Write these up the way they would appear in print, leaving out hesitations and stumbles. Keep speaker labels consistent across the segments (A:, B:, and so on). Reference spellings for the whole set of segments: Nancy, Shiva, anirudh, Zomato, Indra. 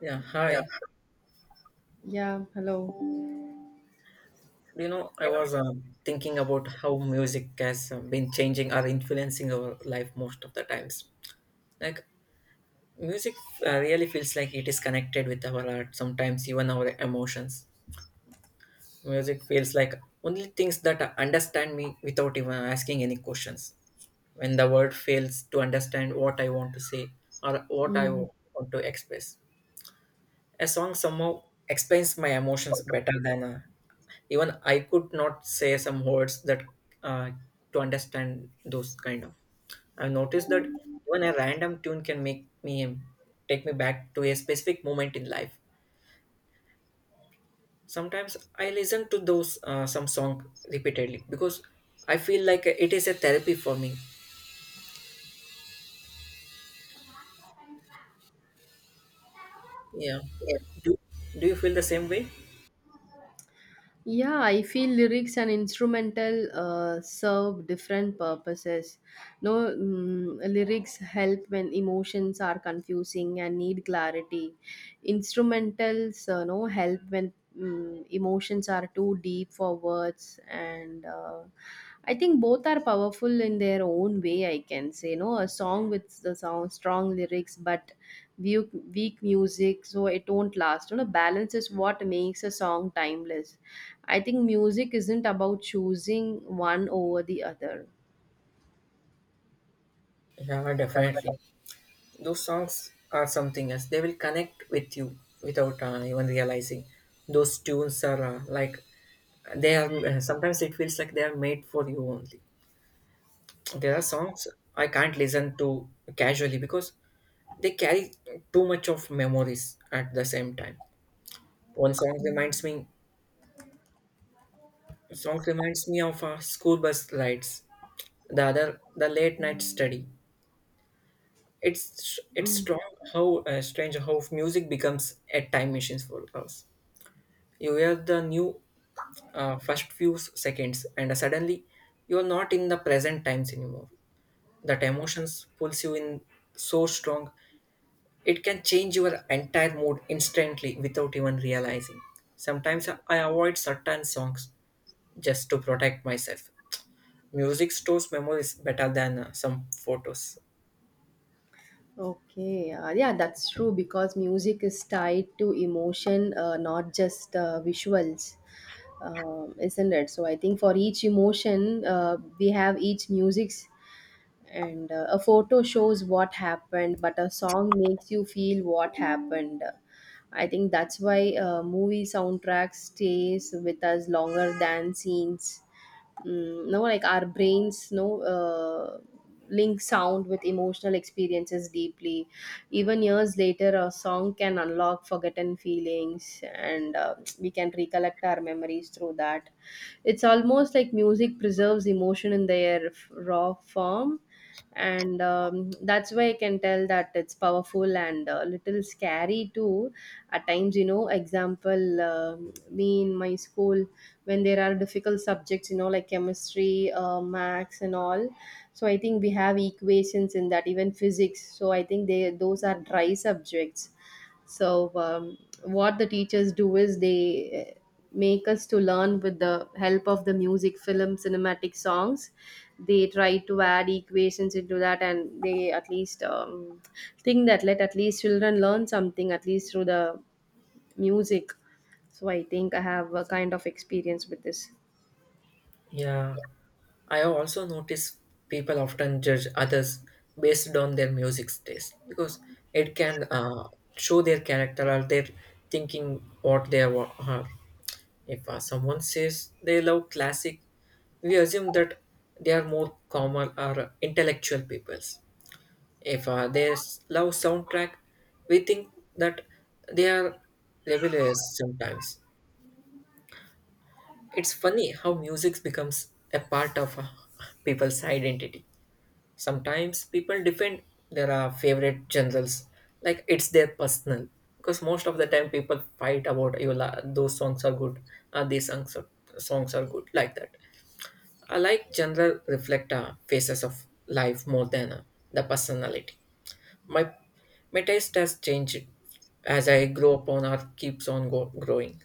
A: Yeah,
B: Yeah.
A: hi.
B: Yeah, hello.
A: I was thinking about how music has been changing or influencing our life most of the times. Like, music really feels like it is connected with our art, sometimes even our emotions. Music feels like only things that understand me without even asking any questions. When the word fails to understand what I want to say or
B: Mm.
A: want to express, a song somehow explains my emotions better than even I could not say some words that uh, to understand those kind of I've noticed that even a random tune can make me take me back to a specific moment in life. Sometimes I listen to those some song repeatedly because I feel like it is a therapy for me. Yeah.
B: Yeah. Mm.
A: do, do you feel the same way?
B: Yeah, I feel lyrics and instrumental serve different purposes. No, lyrics help when emotions are confusing and need clarity. Instrumentals, no, help when emotions are too deep for words, and I think both are powerful in their own way. I can say, no, a song with the sound strong lyrics, but weak music, so it won't last. Balance is what makes a song timeless. I think music isn't about choosing one over the other.
A: Yeah, definitely. Those songs are something else. They will connect with you without even realizing. Those tunes are like they are. Sometimes it feels like they are made for you only. There are songs I can't listen to casually because they carry too much of memories at the same time. One song reminds me. Song reminds me of school bus rides. The other, the late night study. It's
B: Mm.
A: strong how strange how music becomes a time machine for us. You hear the new first seconds and suddenly you're not in the present times anymore. That emotions pulls you in so strong, it can change your entire mood instantly without even realizing. Sometimes I avoid certain songs just to protect myself. Music stores memories better than some photos.
B: Okay, yeah, that's true because music is tied to emotion, not just visuals, isn't it? So I think for each emotion, we have each music's, and a photo shows what happened, but a song makes you feel what happened. I think that's why movie soundtracks stays with us longer than scenes. Mm, no, like our brains, no. Link sound with emotional experiences deeply. Even years later, a song can unlock forgotten feelings, and we can recollect our memories through that. It's almost like music preserves emotion in their raw form. And that's why I can tell that it's powerful and a little scary too. At times, example, me in my school, when there are difficult subjects, like chemistry, max and all. So I think we have equations in that, even physics. So I think they those are dry subjects. So what the teachers do is they make us to learn with the help of the music, film, cinematic songs. They try to add equations into that, and they at least think that let at least children learn something at least through the music. So I think I have a kind of experience with this.
A: Yeah, I have also noticed people often judge others based on their music taste because it can show their character or their thinking are. If someone says they love classic, we assume that they are more common or intellectual peoples. If love soundtrack, we think that they are rebellious sometimes. It's funny how music becomes a part of people's identity. Sometimes people defend their favorite genres like it's their personal, because most of the time people fight about those songs are good, these songs are good like that. I like genre reflect phases of life more than the personality. My my taste has changed as I grow up on or keeps on growing.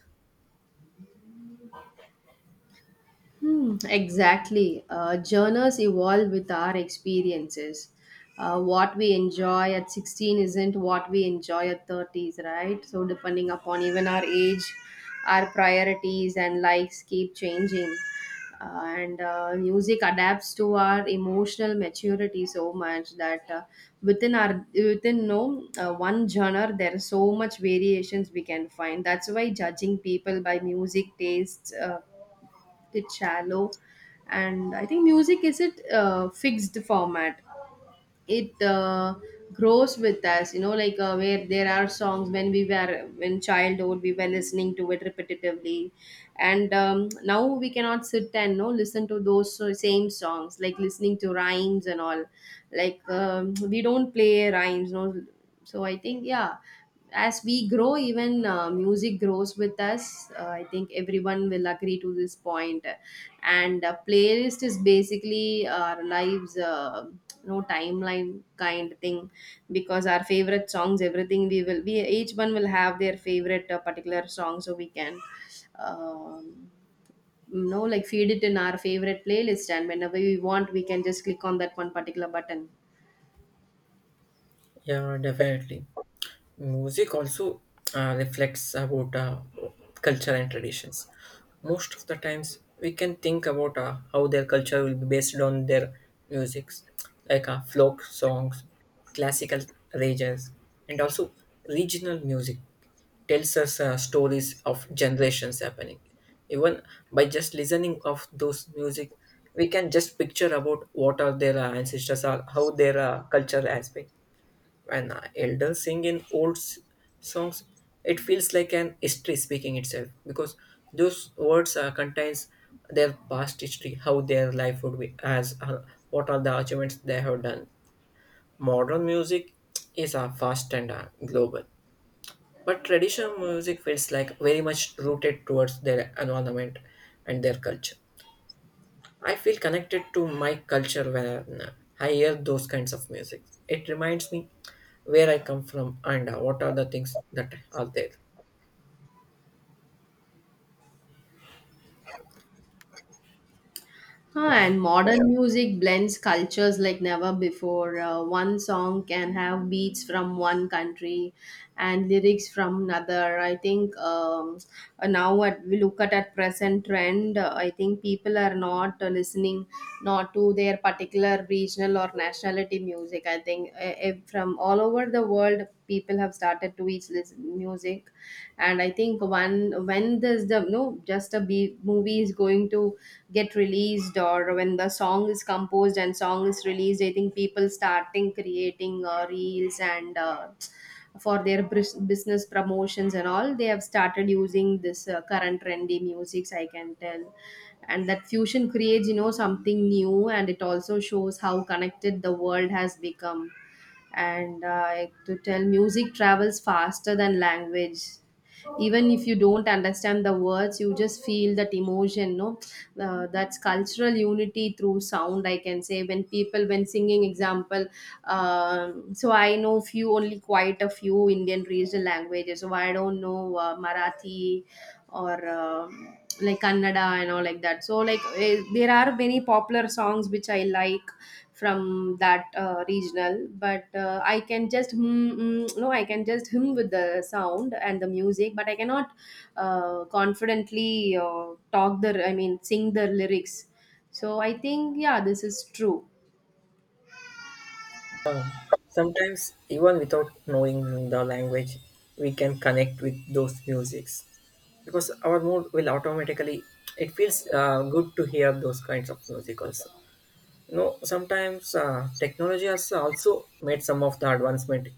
B: Hmm, exactly. Journals evolve with our experiences. What we enjoy at 16 isn't what we enjoy at 30s, right? So, depending upon even our age, our priorities and likes keep changing. And music adapts to our emotional maturity so much that within no, one genre there are so much variations we can find. That's why judging people by music tastes, it's shallow. And I think music is it fixed format. It grows with us, like where there are songs when we were when childhood we were listening to it repetitively. And now we cannot sit and no listen to those same songs, like listening to rhymes and all. Like, we don't play rhymes, no. So I think, yeah, as we grow, even music grows with us. I think everyone will agree to this point. And playlist is basically our lives, no timeline kind thing. Because our favorite songs, everything we each one will have their favorite particular song. So we can um, like feed it in our favorite playlist, and whenever we want we can just click on that one particular button.
A: Yeah, definitely. Music also reflects about culture and traditions. Most of the times, we can think about how their culture will be based on their musics, like folk songs, classical rages, and also regional music tells us stories of generations happening. Even by just listening of those music, we can just picture about what are their ancestors are, how their culture has been. When elders sing in songs, it feels like an history speaking itself because those words contains their past history, how their life would be, as what are the achievements they have done. Modern music is fast and global, but traditional music feels like very much rooted towards their environment and their culture. I feel connected to my culture when I hear those kinds of music. It reminds me where I come from and what are the things that are there.
B: Huh, and modern music blends cultures like never before. One song can have beats from one country and lyrics from another. I think now what we look at present trend. I think people are not listening, not to their particular regional or nationality music. I think from all over the world people have started to each this music. And I think one when there's the no, just a B, movie is going to get released, or when the song is composed and song is released. I think people starting creating reels, and for their business promotions and all they have started using this current trendy musics, I can tell. And that fusion creates, something new, and it also shows how connected the world has become. And like, to tell, music travels faster than language. Even if you don't understand the words you just feel that emotion, no. That's cultural unity through sound, I can say. When people when singing example, so I know few, only quite a few Indian regional languages. So I don't know Marathi, or like Kannada and all like that. So like, there are many popular songs which I like from that regional. But I can just hum, mm, no, I can just hum with the sound and the music, but I cannot confidently talk the I mean sing the lyrics. So I think yeah, this is true.
A: Sometimes, even without knowing the language, we can connect with those musics because our mood will automatically. It feels good to hear those kinds of music also. You know, sometimes technology has also made some of the advancement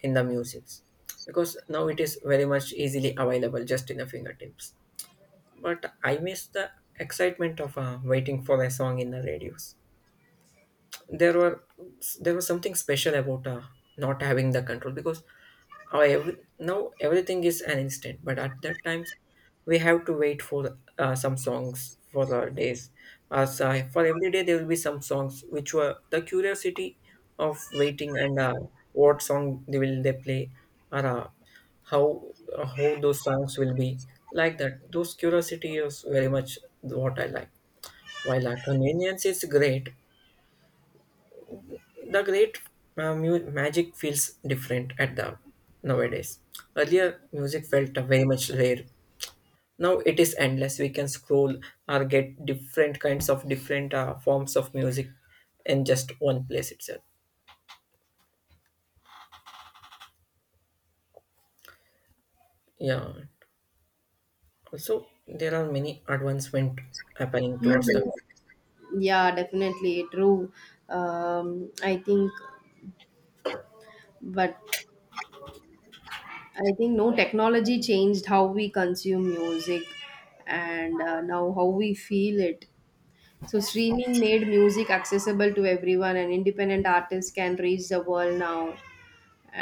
A: in the musics because now it is very much easily available just in the fingertips. But I miss the excitement of waiting for a song in the radios. There were there was something special about not having the control because now everything is an instant, but at that times we have to wait for some songs for days. As for every day there will be some songs which were the curiosity of waiting and what song they will they play, or how how those songs will be, like that those curiosity is very much what I like. While our convenience is great, the great magic feels different at the nowadays. Earlier music felt very much rare, now it is endless. We can scroll or get different kinds of different forms of music in just one place itself. Yeah, also there are many advancement happening towards the
B: Mhm. Yeah, definitely true. I think But I think, no, technology changed how we consume music. And now how we feel it. So streaming made music accessible to everyone, and independent artists can reach the world now.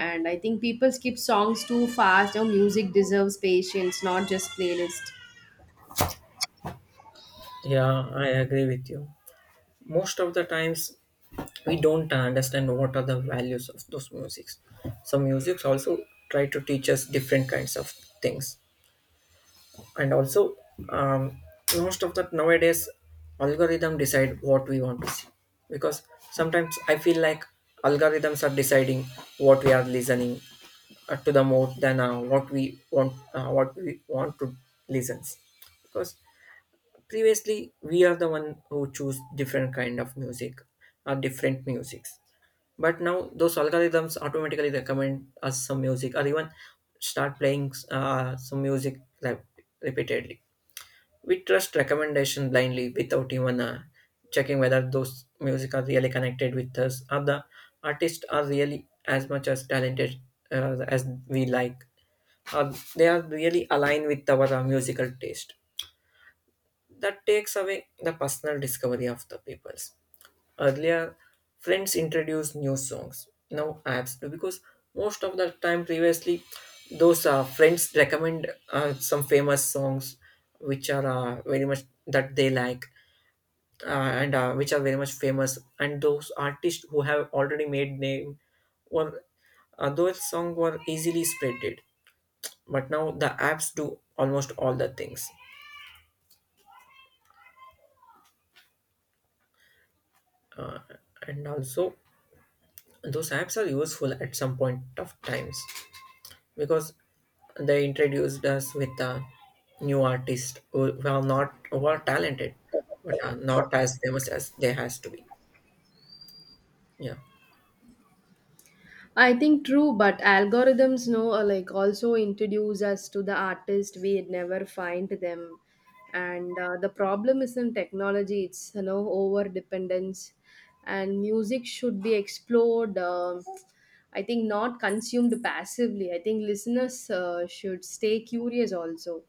B: And I think people skip songs too fast. Now music deserves patience, not just playlist.
A: yeah I agree with you. Most of the times we don't understand what are the values of those musics. Some musics also try to teach us different kinds of things. And also, um, most of that nowadays algorithm decide what we want to see, because sometimes I feel like algorithms are deciding what we are listening to, the more than what we want to listen. Because previously we are the one who choose different kind of music or different musics, but now those algorithms automatically recommend us some music or even start playing some music like repeatedly. We trust recommendation blindly without even checking whether those music are really connected with us, or the artists are really as much as talented as we like. Or they are really aligned with our musical taste. That takes away the personal discovery of the peoples. Earlier, friends introduced new songs, now apps do, because most of the time previously, those friends recommend some famous songs which are very much that they like, uh, and which are very much famous. And those artists who have already made name were, those songs were easily spreaded. But now the apps do almost all the things, and also those apps are useful at some point of times, because they introduced us with a new artists who are not who are talented but are not as famous as they has to be. Yeah.
B: I think true, but algorithms know, like, also introduce us to the artist we never find them. And the problem isn't technology; it's, over dependence, and music should be explored. I think not consumed passively. I think listeners should stay curious also.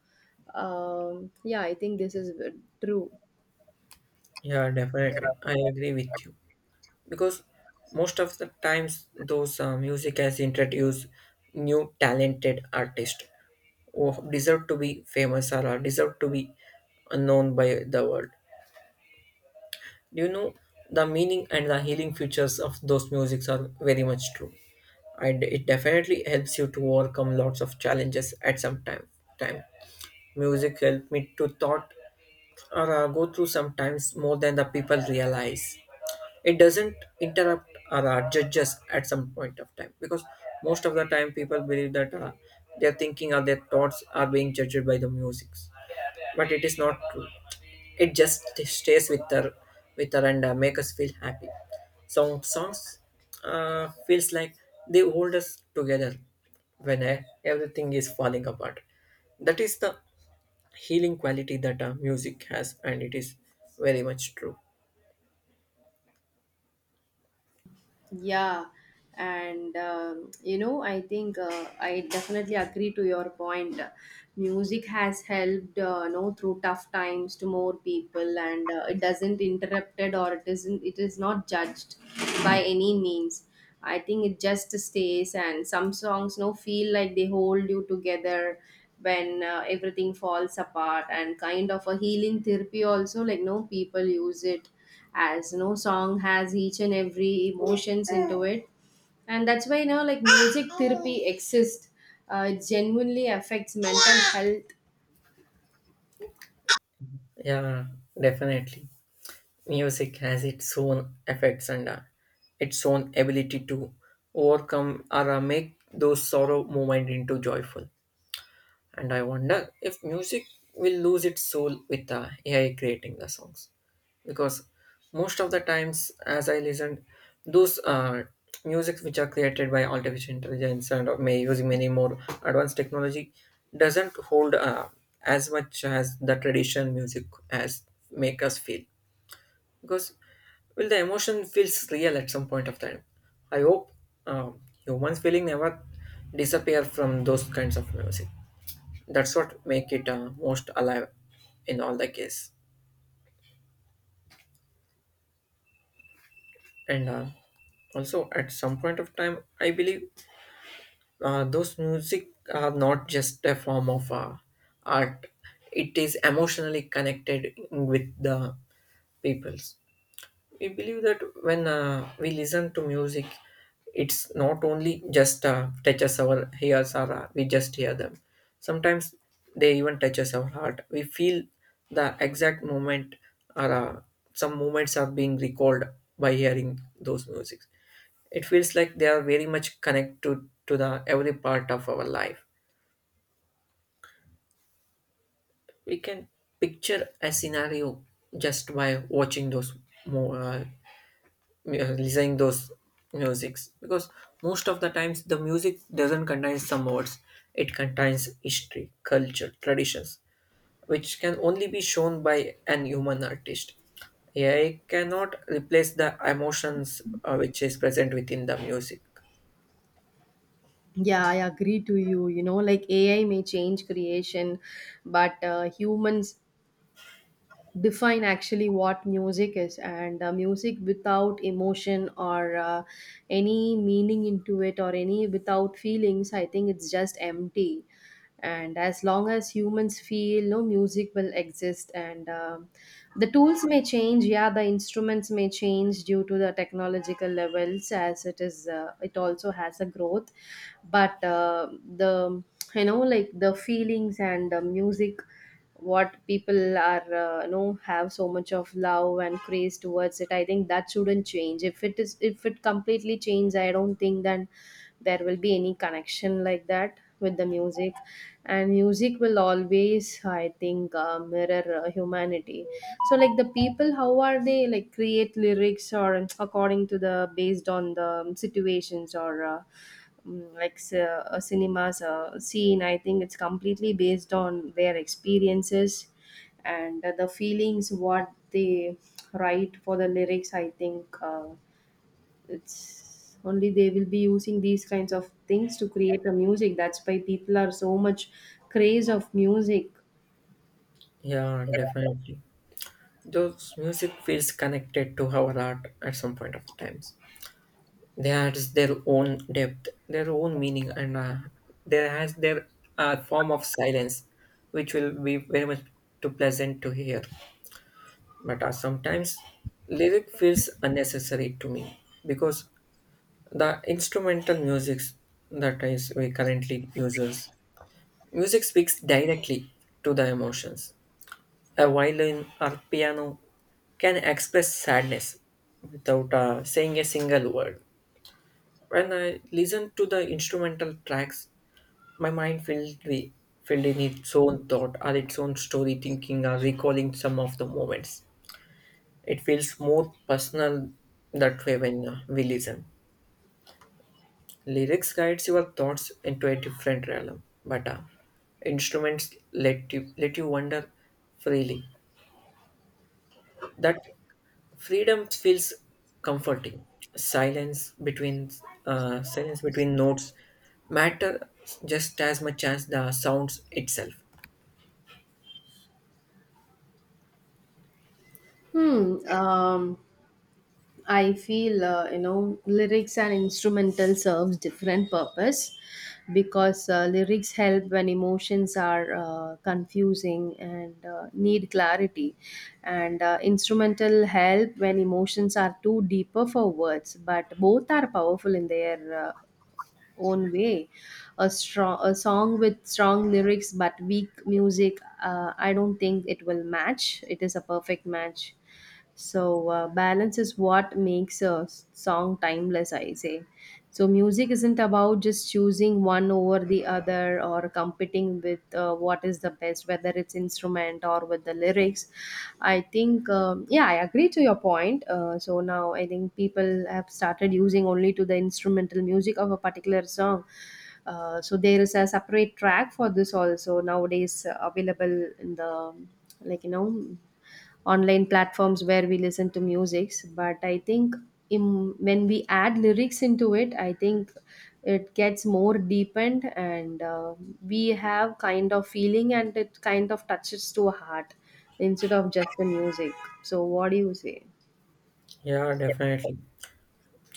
B: Yeah, I think this is true.
A: Yeah, definitely,
B: Yeah.
A: I agree with you. Because most of the times those music has introduced new talented artists who deserve to be famous or are deserve to be known by the world. Do you know the meaning and the healing features of those musics are very much true, and it definitely helps you to overcome lots of challenges at some time. Music helped me to thought or go through sometimes more than the people realize. It doesn't interrupt or judge us at some point of time, because most of the time people believe that their thinking or their thoughts are being judged by the music, but it is not true. It just stays with her and make us feel happy. Some songs feels like they hold us together when everything is falling apart. That is the healing quality that music has, and it is very much true.
B: Yeah, and I think I definitely agree to your point. Music has helped, through tough times to more people, and it doesn't interrupted or it isn't. It is not judged by any means. I think it just stays, and some songs, feel like they hold you together when everything falls apart, and kind of a healing therapy also. Like, no, people use it as no song has each and every emotions into it. And that's why, like music therapy exists. It genuinely affects mental health.
A: Yeah, definitely. Music has its own effects and its own ability to overcome or make those sorrow moment into joyful. And I wonder if music will lose its soul with the AI creating the songs. Because most of the times, as I listened, those music which are created by artificial intelligence and may using many more advanced technology doesn't hold as much as the traditional music as make us feel. Because well, the emotion feels real at some point of time. I hope um, humans' feeling never disappear from those kinds of music. That's what make it most alive in all the case. And also at some point of time, I believe those music are not just a form of art. It is emotionally connected with the peoples. We believe that when we listen to music, it's not only just touches our ears or we just hear them. Sometimes they even touches our heart. We feel the exact moment, or some moments are being recalled by hearing those music. It feels like they are very much connected to the every part of our life. We can picture a scenario just by watching those mo- uh, yeah, listening those musics, because most of the times the music doesn't contain some words, it contains history, culture, traditions, which can only be shown by an human artist. AI cannot replace the emotions which is present within the music.
B: Yeah, I agree to you, you know like AI may change creation. But humans define actually what music is, and music without emotion or any meaning into it, or any without feelings, I think it's just empty. And as long as humans feel, no, music will exist. And the tools may change, yeah, the instruments may change due to the technological levels, as it is, it also has a growth. But the you know like the feelings and the music, what people are have so much of love and craze towards it. I think that shouldn't change. If it completely changes, I don't think then there will be any connection like that with the music. And music will always, I think, mirror humanity. So like the people, how are they, like, create lyrics or according to the based on the situations or like a cinemas scene. I think it's completely based on their experiences and the feelings what they write for the lyrics. I think it's only they will be using these kinds of things to create a music. That's why people are so much craze of music.
A: Yeah, definitely, those music feels connected to our art at some point of the times. They had their own depth, their own meaning, and there has their form of silence, which will be very much too pleasant to hear. But sometimes lyric feels unnecessary to me, because the instrumental music that is we currently uses music speaks directly to the emotions. A violin or piano can express sadness without saying a single word. When I listen to the instrumental tracks, my mind filled in its own thought or its own story, thinking or recalling some of the moments. It feels more personal that way. When we listen, lyrics guides your thoughts into a different realm, but instruments let you wander freely. That freedom feels comforting. silence between Silence between notes matter just as much as the sounds itself.
B: Hmm. I feel lyrics and instrumental serves different purpose, because lyrics help when emotions are confusing and need clarity. And instrumental help when emotions are too deeper for words, but both are powerful in their own way. A song with strong lyrics but weak music, I don't think it will match, it is a perfect match. So balance is what makes a song timeless, I say. So music isn't about just choosing one over the other or competing with, what is the best, whether it's instrument or with the lyrics. I think, yeah, I agree to your point. So now I think people have started using only to the instrumental music of a particular song. So there is a separate track for this also, nowadays available in the, like, online platforms where we listen to musics. But I think when we add lyrics into it, I think it gets more deepened, and we have kind of feeling, and it kind of touches to a heart instead of just the music. So what do you say?
A: Yeah, definitely.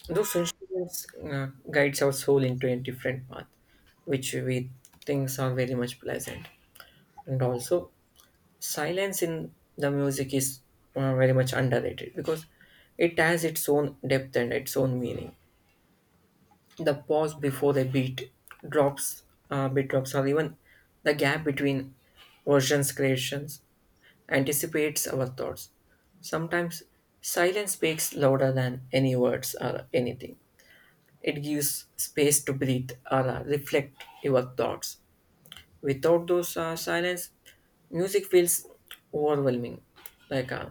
A: Those instruments guides our soul into a different path, which we think are very much pleasant. And also, silence in the music is very much underrated because it has its own depth and its own meaning. The pause before the drops, beat drops, or even the gap between versions creations anticipates our thoughts. Sometimes silence speaks louder than any words or anything. It gives space to breathe or reflect your thoughts. Without those silence, music feels overwhelming. Like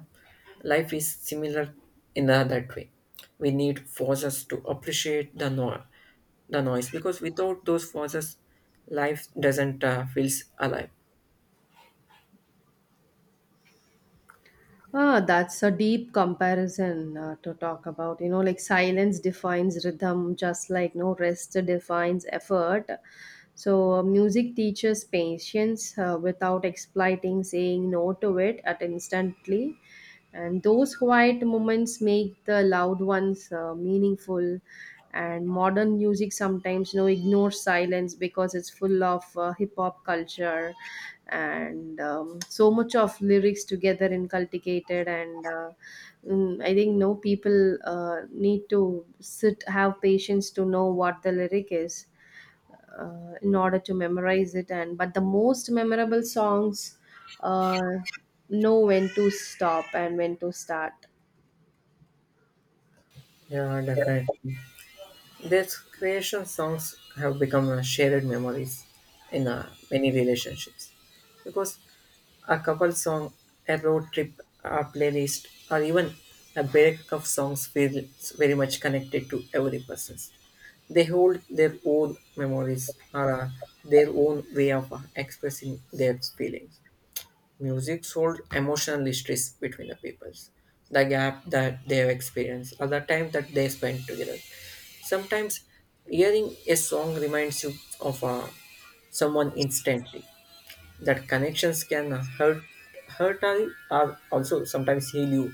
A: life is similar in that way. We need pauses to appreciate the noise, because without those pauses, life doesn't feels alive.
B: Ah, that's a deep comparison to talk about. Like silence defines rhythm, just like no rest defines effort. So, music teaches patience without exploiting saying no to it at instantly. And those quiet moments make the loud ones meaningful, and modern music sometimes ignores silence because it's full of hip hop culture, and so much of lyrics together inculcated and I think no people need to sit, have patience to know what the lyric is in order to memorize it. And but the most memorable songs uh, know when to stop and when to start.
A: Yeah, definitely. Their creation songs have become shared memories in many relationships, because a couple song, a road trip, a playlist, or even a break of songs feels very much connected to every person. They hold their own memories or their own way of expressing their feelings. Music sold emotional histories between the peoples, the gap that they have experienced, or the time that they spent together. Sometimes hearing a song reminds you of someone instantly. That connections can hurt or also sometimes heal you.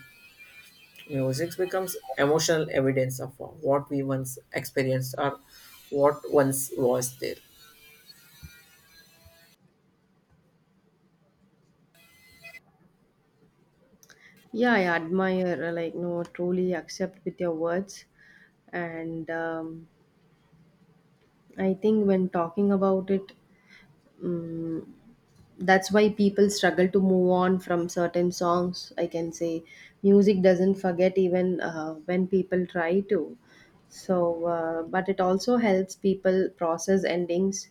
A: Music becomes emotional evidence of what we once experienced or what once was there.
B: Yeah, I admire like no, truly accept with your words. And I think when talking about it mm that's why people struggle to move on from certain songs, I can say. Music doesn't forget, even when people try to. So but it also helps people process endings,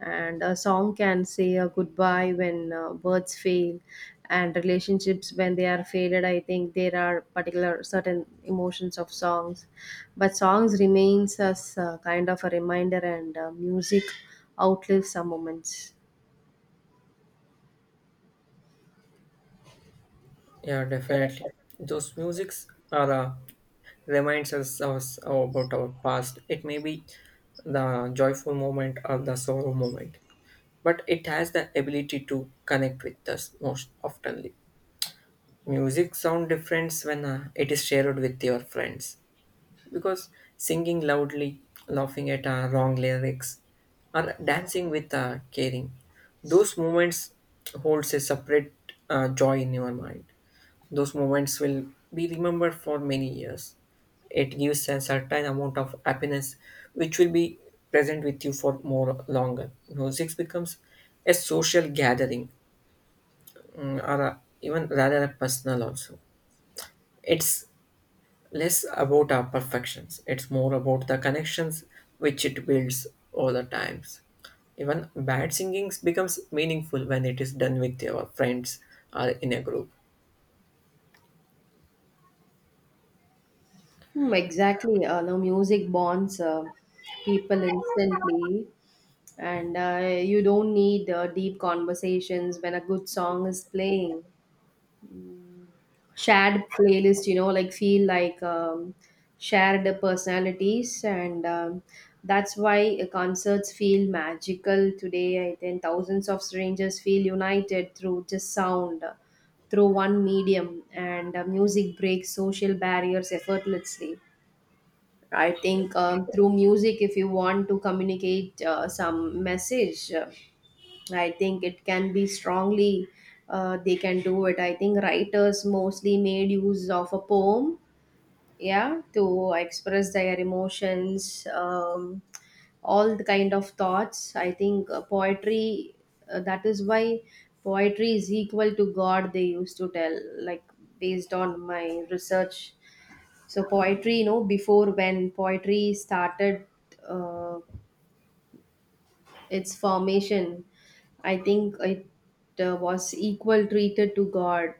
B: and a song can say a goodbye when words fail. And relationships, when they are faded, I think there are particular certain emotions of songs, but songs remains as kind of a reminder. And music outlives some moments.
A: Yeah, definitely. Those musics are reminds us about our past. It may be the joyful moment or the sorrow moment, but it has the ability to connect with us most oftenly. Music sound different when it is shared with your friends, because singing loudly, laughing at wrong lyrics, or dancing with caring, those moments holds a separate joy in your mind. Those moments will be remembered for many years. It gives a certain amount of happiness which will be present with you for more longer. Music becomes a social gathering, or even rather a personal also. It's less about our perfections. It's more about the connections which it builds over the times. Even bad singing becomes meaningful when it is done with your friends or in a group.
B: Hmm, exactly. Now, music bonds people instantly, and you don't need deep conversations when a good song is playing. Shared playlist, you know, like feel like shared personalities, and that's why concerts feel magical today. I think thousands of strangers feel united through just sound, through one medium, and music breaks social barriers effortlessly. I think through music, if you want to communicate some message, I think it can be strongly, they can do it. I think writers mostly made use of a poem, yeah, to express their emotions, all the kind of thoughts. I think poetry, that is why poetry is equal to God, they used to tell, like, based on my research. So poetry, you know, before, when poetry started, uh, its formation, I think it was equal treated to God.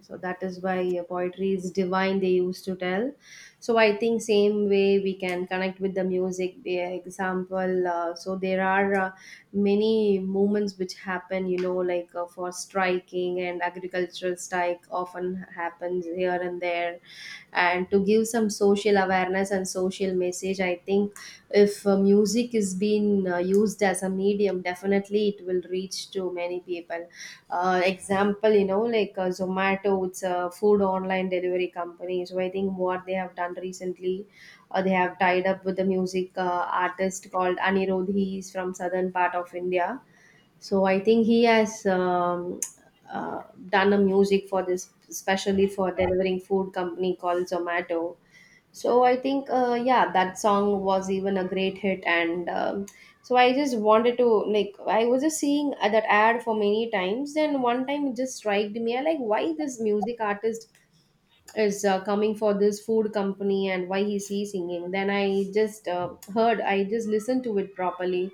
B: So that is why poetry is divine, they used to tell. So I think same way we can connect with the music. Be the example. So there are many movements which happen, you know, like for striking, and agricultural strike often happens here and there, and to give some social awareness and social message, I think if music is being used as a medium, definitely it will reach to many people. Example, you know, like Zomato, it's a food online delivery company. So I think what they have done recently, they have tied up with a music artist called Anirudh. He is from southern part of India. So I think he has uh, done a music for this, especially for delivering food company called Zomato. So I think, yeah, that song was even a great hit, and so I just wanted to, like, I was just seeing that ad for many times. Then one time it just struck me, I like, why this music artist is coming for this food company and why is he singing? Then I just heard, I just listened to it properly.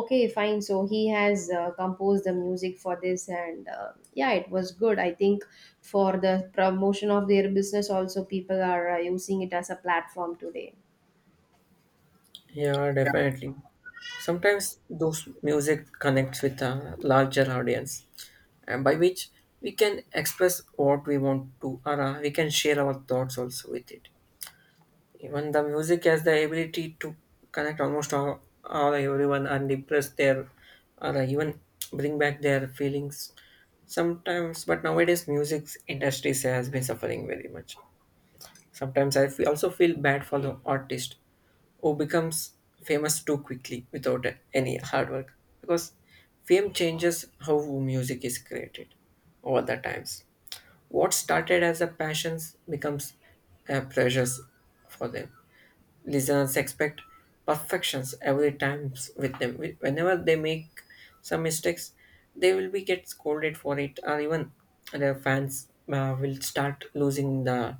B: Okay, fine, so he has composed the music for this, and yeah, it was good, I think. For the promotion of their business also, people are using it as a platform today.
A: Yeah, definitely. Sometimes those music connects with a larger audience, and by which we can express what we want to, or we can share our thoughts also with it. Even the music has the ability to connect almost all, everyone and impress their, or even bring back their feelings. Sometimes, but nowadays, music industries has been suffering very much. Sometimes I also feel bad for the artist who becomes famous too quickly without any hard work, because fame changes how music is created over the times. What started as a passion becomes pressures for them. Listeners expect perfections every time with them. Whenever they make some mistakes, they will be get scolded for it, or even their fans will start losing the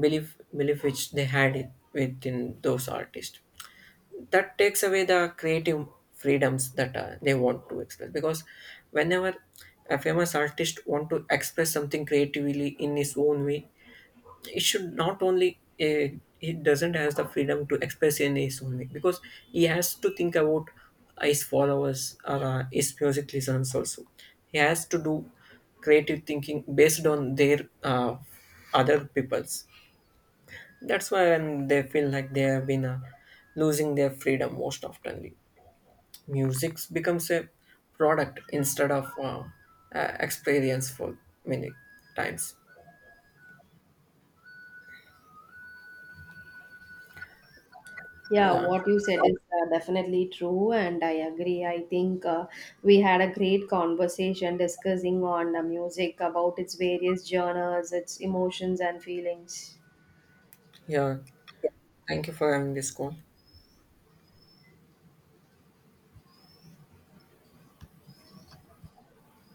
A: belief which they had it within those artists. That takes away the creative freedoms that they want to express, because whenever a famous artist want to express something creatively in his own way, it should not only he doesn't has the freedom to express in his own way, because he has to think about his followers or his music listeners also. He has to do creative thinking based on their other people's. That's why they feel like they have been losing their freedom most often. Music becomes a product instead of experience for many times.
B: Yeah,
A: Yeah,
B: what you said is definitely true, and I agree. I think we had a great conversation discussing on music about its various genres, its emotions and feelings.
A: yeah, thank you for having this call.